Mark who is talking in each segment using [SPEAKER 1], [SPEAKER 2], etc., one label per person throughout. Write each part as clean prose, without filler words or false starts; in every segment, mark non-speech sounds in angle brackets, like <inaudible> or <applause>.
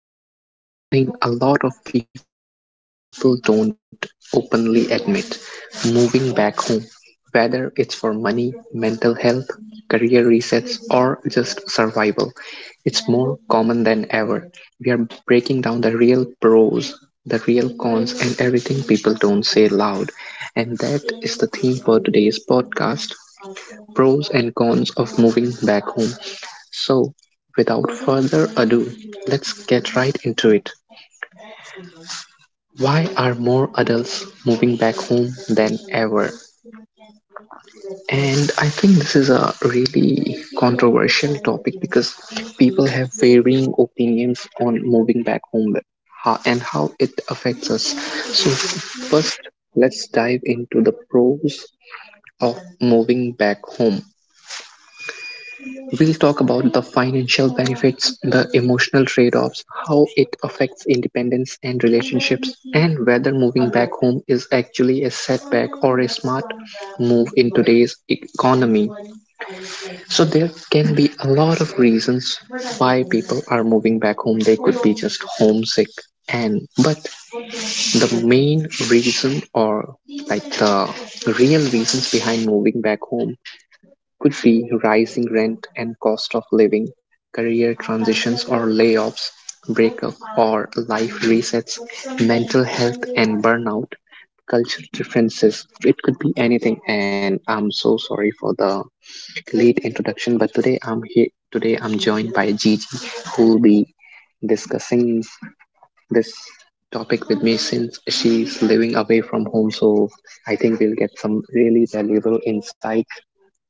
[SPEAKER 1] Today we are talking about something a lot of people don't openly admit: moving back home. Whether it's for money, mental health, career resets, or just survival, it's more common than ever. We are breaking down the real pros, the real cons, and everything people don't say loud. And that is the theme for today's podcast: pros and cons of moving back home. So, without further ado, let's get right into it. Why are more adults moving back home than ever? And I think this is a really controversial topic because people have varying opinions on moving back home and how it affects us. So, first, let's dive into the pros of moving back home. We'll talk about the financial benefits, the emotional trade-offs, how it affects independence and relationships, and whether moving back home is actually a setback or a smart move in today's economy. So there can be a lot of reasons why people are moving back home. They could be just homesick and but the main reason, or like the real reasons behind moving back home, could be rising rent and cost of living, career transitions or layoffs, breakup or life resets, mental health and burnout, cultural differences. It could be anything. And I'm so sorry for the late introduction, but today I'm here. Today I'm joined by Gigi, who will be discussing this topic with me since she's living away from home. So I think we'll get some really valuable insights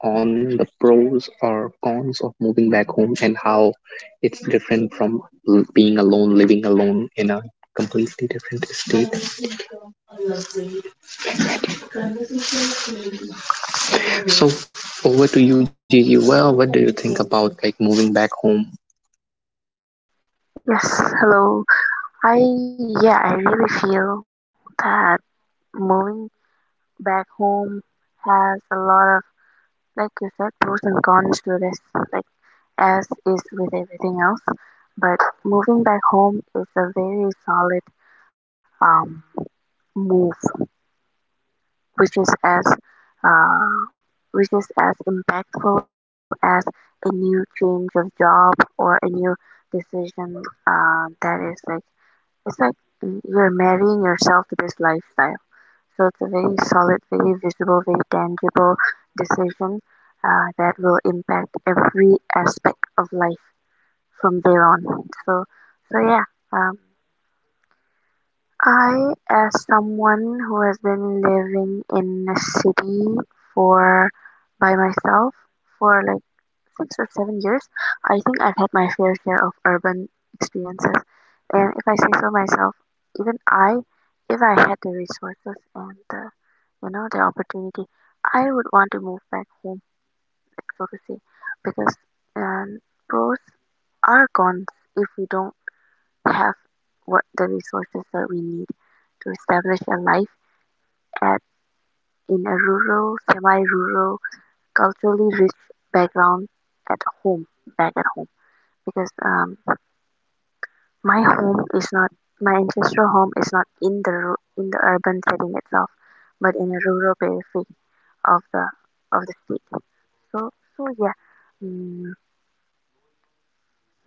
[SPEAKER 1] on the pros or cons of moving back home and how it's different from being alone, living alone in a completely different state. So over to you, Gigi. Well, what do you think about like moving back home?
[SPEAKER 2] Yes, hello. I yeah, I really feel that moving back home has a lot of, like you said, pros and cons to this, like as is with everything else. But moving back home is a very solid um move, which is as uh which is as impactful as a new change of job or a new decision that is like It's like you're marrying yourself to this lifestyle. So it's a very solid, very visible, very tangible decision, that will impact every aspect of life from there on. So, so yeah. Um, I, as someone who has been living in a city for, by myself, for like 6 or 7 years, I think I've had my fair share of urban experiences. And if I say so myself, even I, if I had the resources and the, the opportunity, I would want to move back home, so to say, because um, pros are cons if we don't have what the resources that we need to establish a life at, in a rural, semi-rural, culturally rich background at home, back at home. Because my home is not, my ancestral home is not in the in the urban setting itself, but in a rural periphery of the of the state. So so yeah, mm,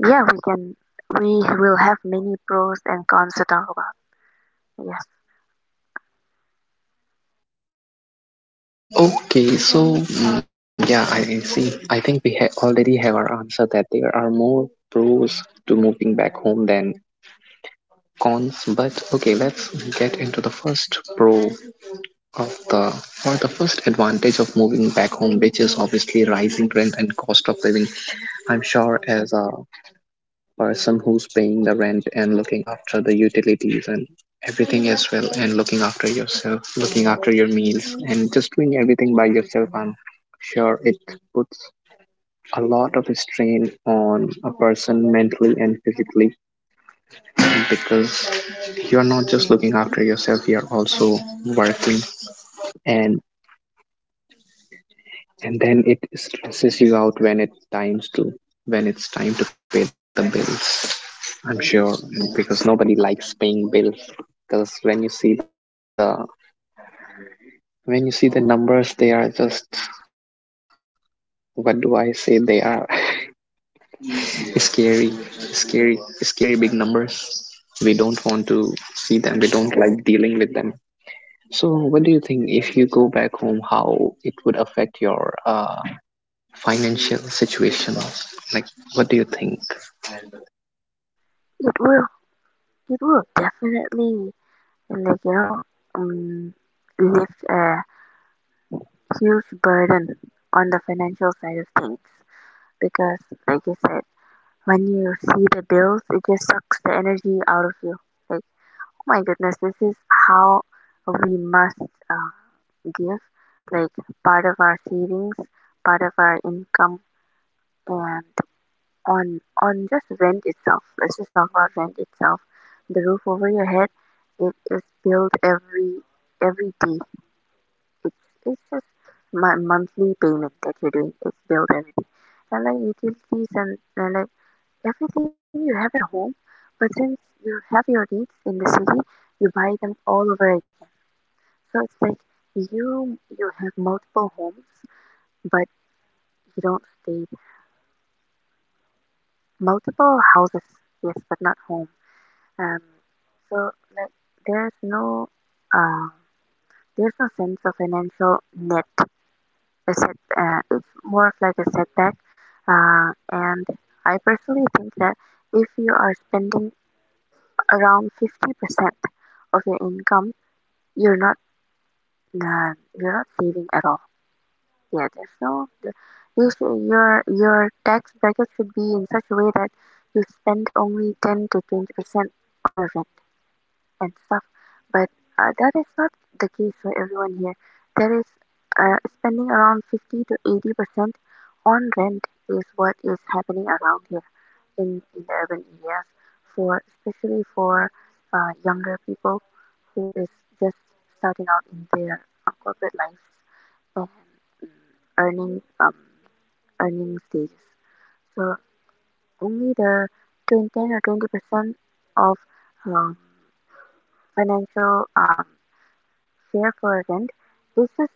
[SPEAKER 2] yeah, we will have many pros and cons to talk about. Yes,
[SPEAKER 1] Okay, so yeah, I see. I think we already have our answer that there are more pros to moving back home than cons. But okay, let's get into the first pro. Of the For the first advantage of moving back home, which is obviously rising rent and cost of living. I'm sure, as a person who's paying the rent and looking after the utilities and everything as well, and looking after yourself, looking after your meals, and just doing everything by yourself, I'm sure it puts a lot of strain on a person mentally and physically, because you're not just looking after yourself, you're also working, and and then it stresses you out when it times to when it's time to pay the bills, I'm sure, because nobody likes paying bills. Because when you see the, when you see the numbers, they are just, what do I say, they are <laughs> scary, scary, scary big numbers. We don't want to see them, we don't like dealing with them. So what do you think, if you go back home, how it would affect your financial situation, like, what do you think?
[SPEAKER 2] it will it will definitely, like you know um, lift a huge burden on the financial side of things, because, like you said, when you see the bills, it just sucks the energy out of you. Like, oh my goodness, this is how we must, give, like, part of our savings, part of our income, and on just rent itself. Let's just talk about rent itself. The roof over your head, it is billed every day. It's it's just my monthly payment that you're doing. It's billed every day, and like utilities and like everything you have at home, but since you have your needs in the city, you buy them all over again. So it's like you have multiple homes, but you don't stay there. Multiple houses, yes, but not home. Um, so, like, there's no uh, there's no sense of financial net. A set, it's more of like a setback. And I personally think that if you are spending around 50% of your income, you're not, you're not saving at all. Yeah, there's no the- you should, your tax bracket should be in such a way that you spend only 10 to 20% on your rent and stuff. But that is not the case for everyone here. There is, spending around 50 to 80% on rent is what is happening around here, in the urban areas, for, especially for, younger people who is just starting out in their corporate lives and earning, earning stages. So only the 20 or 20% of, um, financial, share for rent is just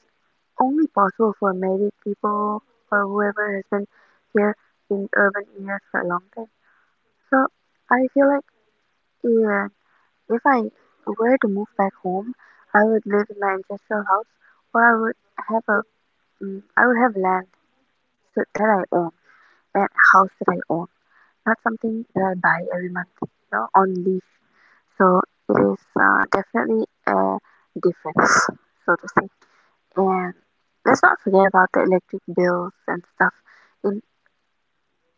[SPEAKER 2] only possible for married people or whoever has been here in urban areas for a long time. So I feel like, yeah, if I were to move back home, I would live in my ancestral house, or I would have a, mm, I would have land so that I own, and a house that I own, not something that I buy every month, you know, on lease. So it is, definitely a difference, so to say. And let's not forget about the electric bills and stuff, in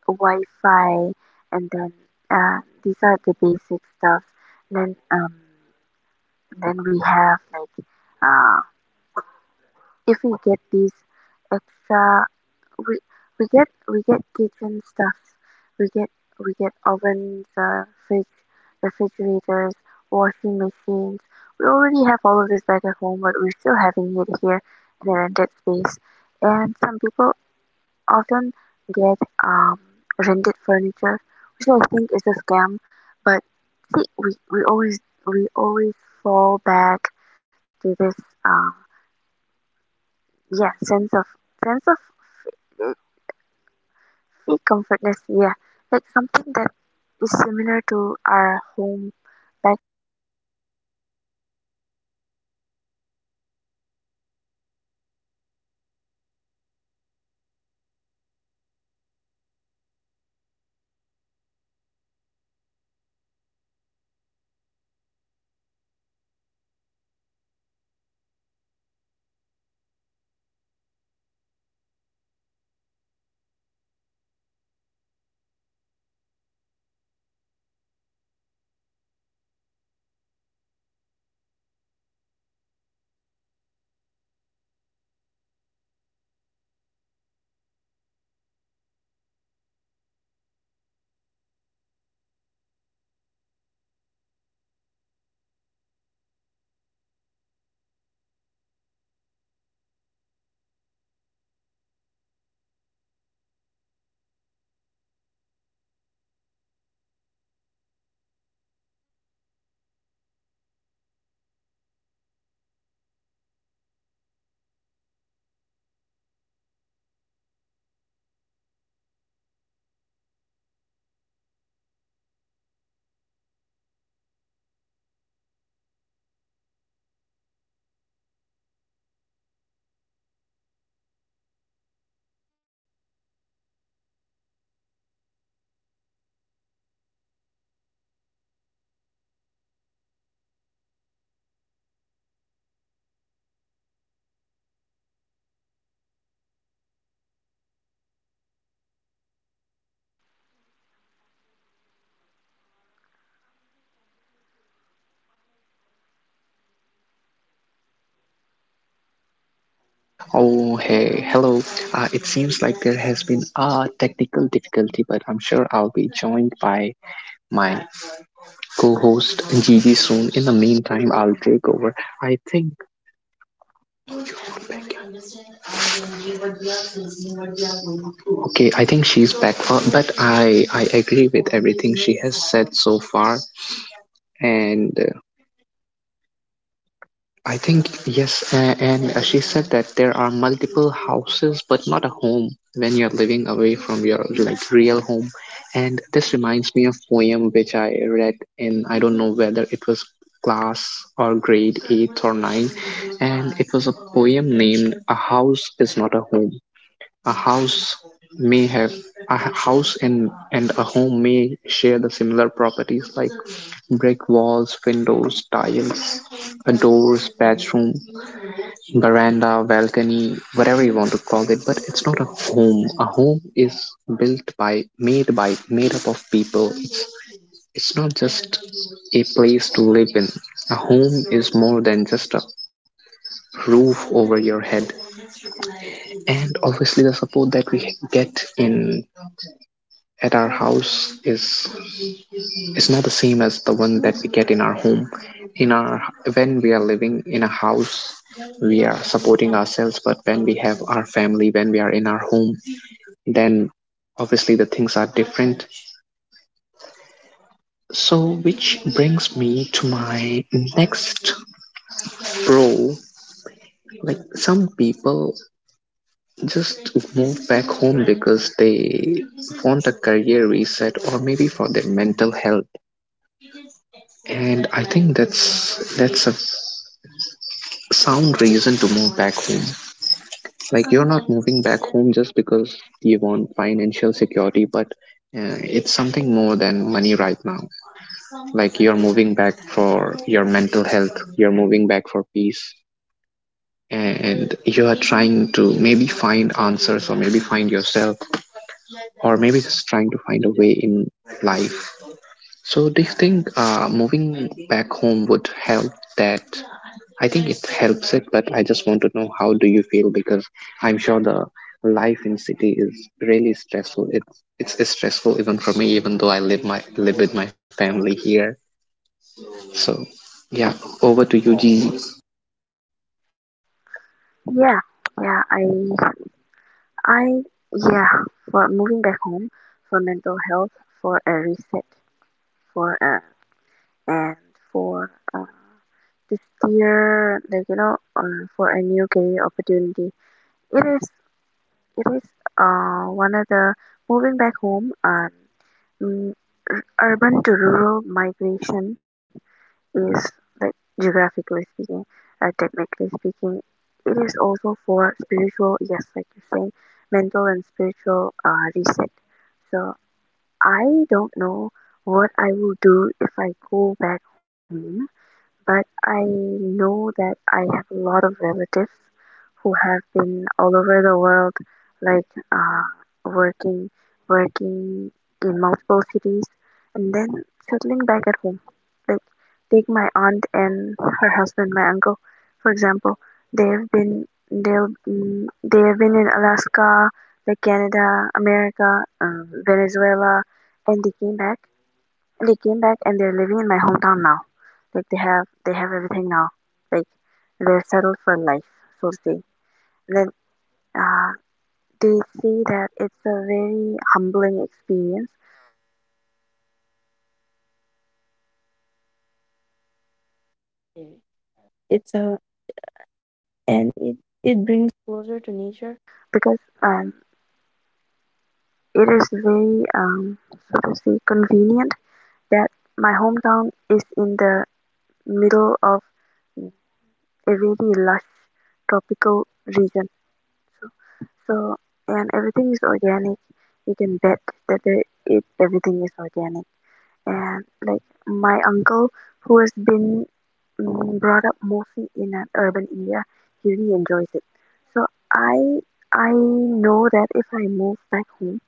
[SPEAKER 2] Wi-Fi, and then, these are the basic stuff. Then um, then we have like, uh if we get these extra, we we get kitchen stuffs, we get we get ovens, fridge, refrigerators, washing machines. We already have all of this back at home, but we're still having it here in a rented space. And some people often get um rented furniture, which I think is a scam. But see, we always fall back to this, um yeah, sense of, uh, sea comfortness. Yeah, like something that is similar to our home. But
[SPEAKER 1] Oh, hey, hello. It seems like there has been a technical difficulty, but I'm sure I'll be joined by my co host Gigi soon. In the meantime, I'll take over. I think, okay, I think she's back, but I agree with everything she has said so far. And I think yes, and she said that there are multiple houses, but not a home when you're living away from your like real home. And this reminds me of poem which I read in, I don't know whether it was class or grade eight or nine, and it was a poem named "A House Is Not a Home." A house may have a house, and a home may share the similar properties like brick walls, windows, tiles, a doors, bedroom, veranda, balcony, whatever you want to call it, but it's not a home. A home is built by made up of people. It's not just a place to live in. A home is more than just a roof over your head. And obviously the support that we get in at our house is not the same as the one that we get in our home, in our, when we are living in a house we are supporting ourselves. But when we have our family, when we are in our home, then obviously the things are different. So, which brings me to my next pro. Like, some people just move back home because they want a career reset or maybe for their mental health. And I think that's a sound reason to move back home. Like, you're not moving back home just because you want financial security, but it's something more than money right now. Like, you're moving back for your mental health, you're moving back for peace, and you are trying to maybe find answers or maybe find yourself or maybe just trying to find a way in life. So do you think moving back home would help that? I think it helps it, but I just want to know how do you feel, because I'm sure the life in city is really stressful. It's stressful even for me, even though I live my live with my family here. So yeah, over to you, Gigi.
[SPEAKER 2] yeah. yeah, I, I, yeah, for moving back home, for mental health, for a reset, for uh, and for to steer, like you know, for a new career opportunity. It is, it is, one of the, moving back home. Urban to rural migration is, like, geographically speaking, technically speaking, it is also for spiritual, yes, like you're saying, mental and spiritual reset. So I don't know what I will do if I go back home, but I know that I have a lot of relatives who have been all over the world, like, uh, working, working in multiple cities, and then settling back at home. Like, take my aunt and her husband, my uncle, for example. They have been in Alaska, like Canada, America, Venezuela, and they came back and they're living in my hometown now. Like, they have everything now. Like, they're settled for life, so to say. Then, uh, they say that it's a very humbling experience. Mm. It's a and it brings closer to nature, because um, it is very so to say convenient, that my hometown is in the middle of a very lush tropical region. So, so, and everything is organic. You can bet that the, it, everything is organic. And like my uncle, who has been, mm, brought up mostly in an urban area, he really enjoys it. So I I know that if I move back home,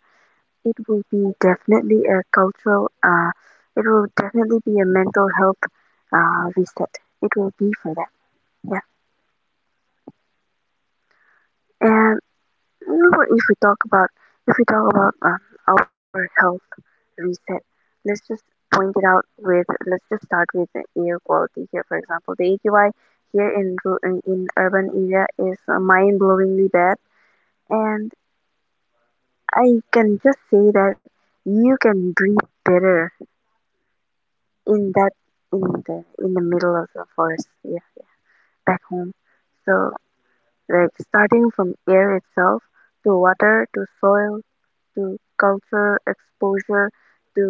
[SPEAKER 2] it will be definitely a cultural it will definitely be a mental health reset. It will be for that. Yeah. And, however, if we talk about, our health reset, let's just point it out with let's just start with the air quality here. For example, the AQI here in in urban area is, mind-blowingly bad, and I can just say that you can breathe better in that in the, in the middle of the forest, yeah, back home. So, like, starting from air itself, to water, to soil, to culture exposure, to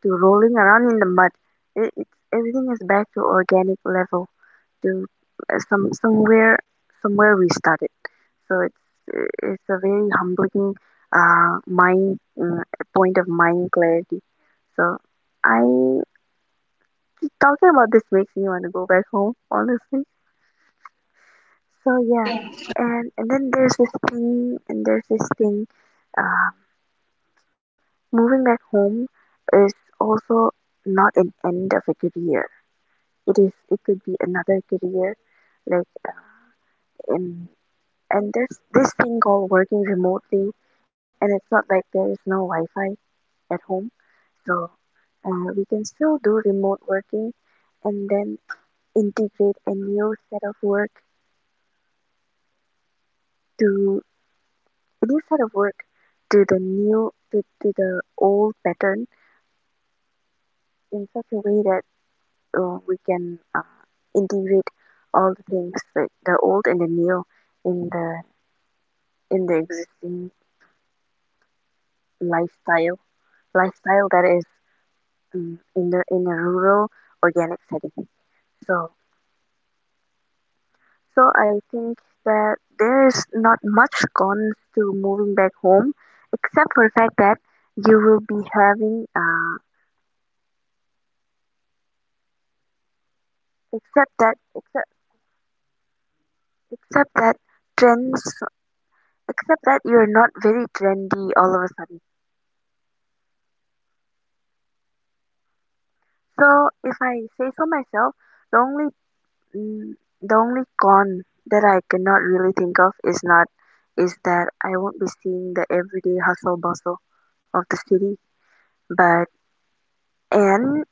[SPEAKER 2] to rolling around in the mud. It's, everything is back to organic level, to, somewhere, somewhere we started. So it's a very humbling, mind point of mind clarity. So I, talking about this makes me want to go back home honestly. So yeah, and then there's this thing, and there's this thing. Uh, Moving back home is also not an end of a career. It is, it could be another career, like, in, and there's this thing called working remotely, and it's not like there is no Wi-Fi at home. So we can still do remote working, and then integrate a new set of work to a new set of work to the new, to the old pattern, in such a way that we can, integrate all the things, like the old and the new, in the, in the existing lifestyle lifestyle, that is, in a rural organic setting. So, so I think that there is not much cons to moving back home, except for the fact that you will be having, except that except except that, trends you're not very trendy all of a sudden. So, if I say so myself, the only, mm, the only con that I cannot really think of is not, is that I won't be seeing the everyday hustle bustle of the city, but, and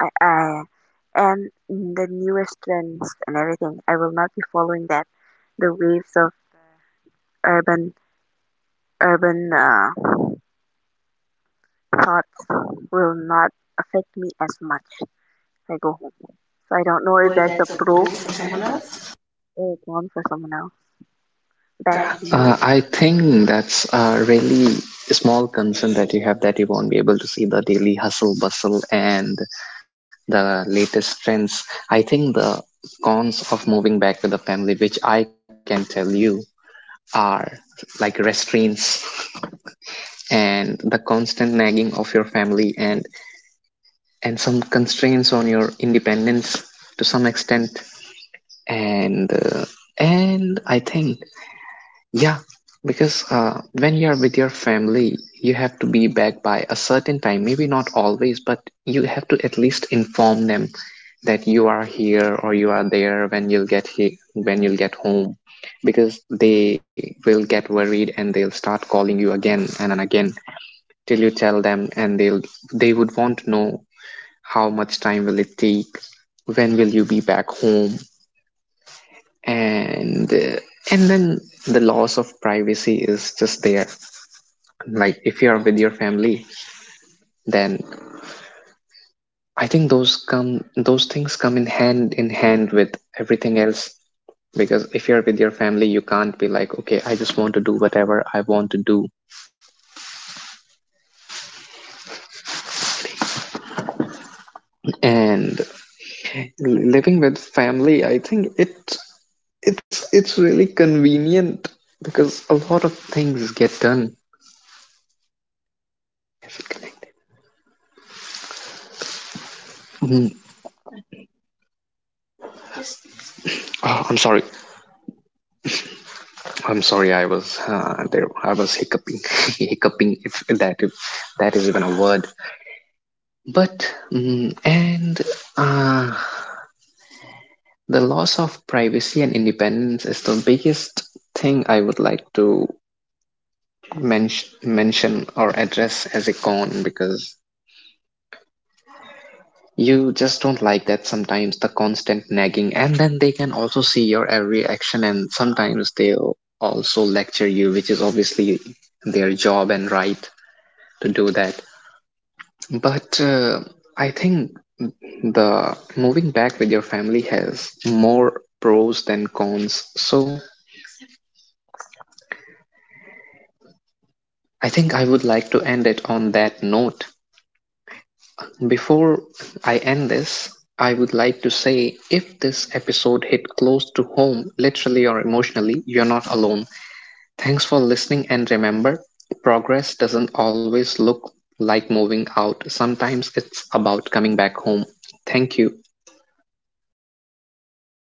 [SPEAKER 2] I and the newest trends and everything, I will not be following that. The waves of urban urban, thoughts will not affect me as much if I go home. So I don't know if that's a pro for someone else or a con for someone else. Back to you.
[SPEAKER 1] I think that's a really small concern that you have, that you won't be able to see the daily hustle bustle and the latest trends. I think the cons of moving back with the family, which I can tell you, are like restraints and the constant nagging of your family and some constraints on your independence to some extent and uh, and I think, yeah, because when you're with your family, you have to be back by a certain time. Maybe not always, but you have to at least inform them that you are here or you are there, when when you'll get home, because they will get worried and they'll start calling you again and again till you tell them, and they would want to know how much time will it take, when will you be back home, and uh, and then the loss of privacy is just there. Like, if you are with your family, then I think those come those things come in hand with everything else, because if you're with your family you can't be like, okay, I just want to do whatever I want to do. And living with family, I think it, it's really convenient, because a lot of things get done. Mm, oh, I'm sorry. I'm sorry, I was there. I was hiccuping, <laughs> hiccuping. If that is even a word. But and uh, the loss of privacy and independence is the biggest thing I would like to mention or address as a con, because you just don't like that sometimes, the constant nagging, and then they can also see your every action, and sometimes they'll also lecture you, which is obviously their job and right to do that. But I think the moving back with your family has more pros than cons. So I think I would like to end it on that note. Before I end this, I would like to say, if this episode hit close to home, literally or emotionally, you're not alone. Thanks for listening, and remember, progress doesn't always look like moving out. Sometimes it's about coming back home. Thank you.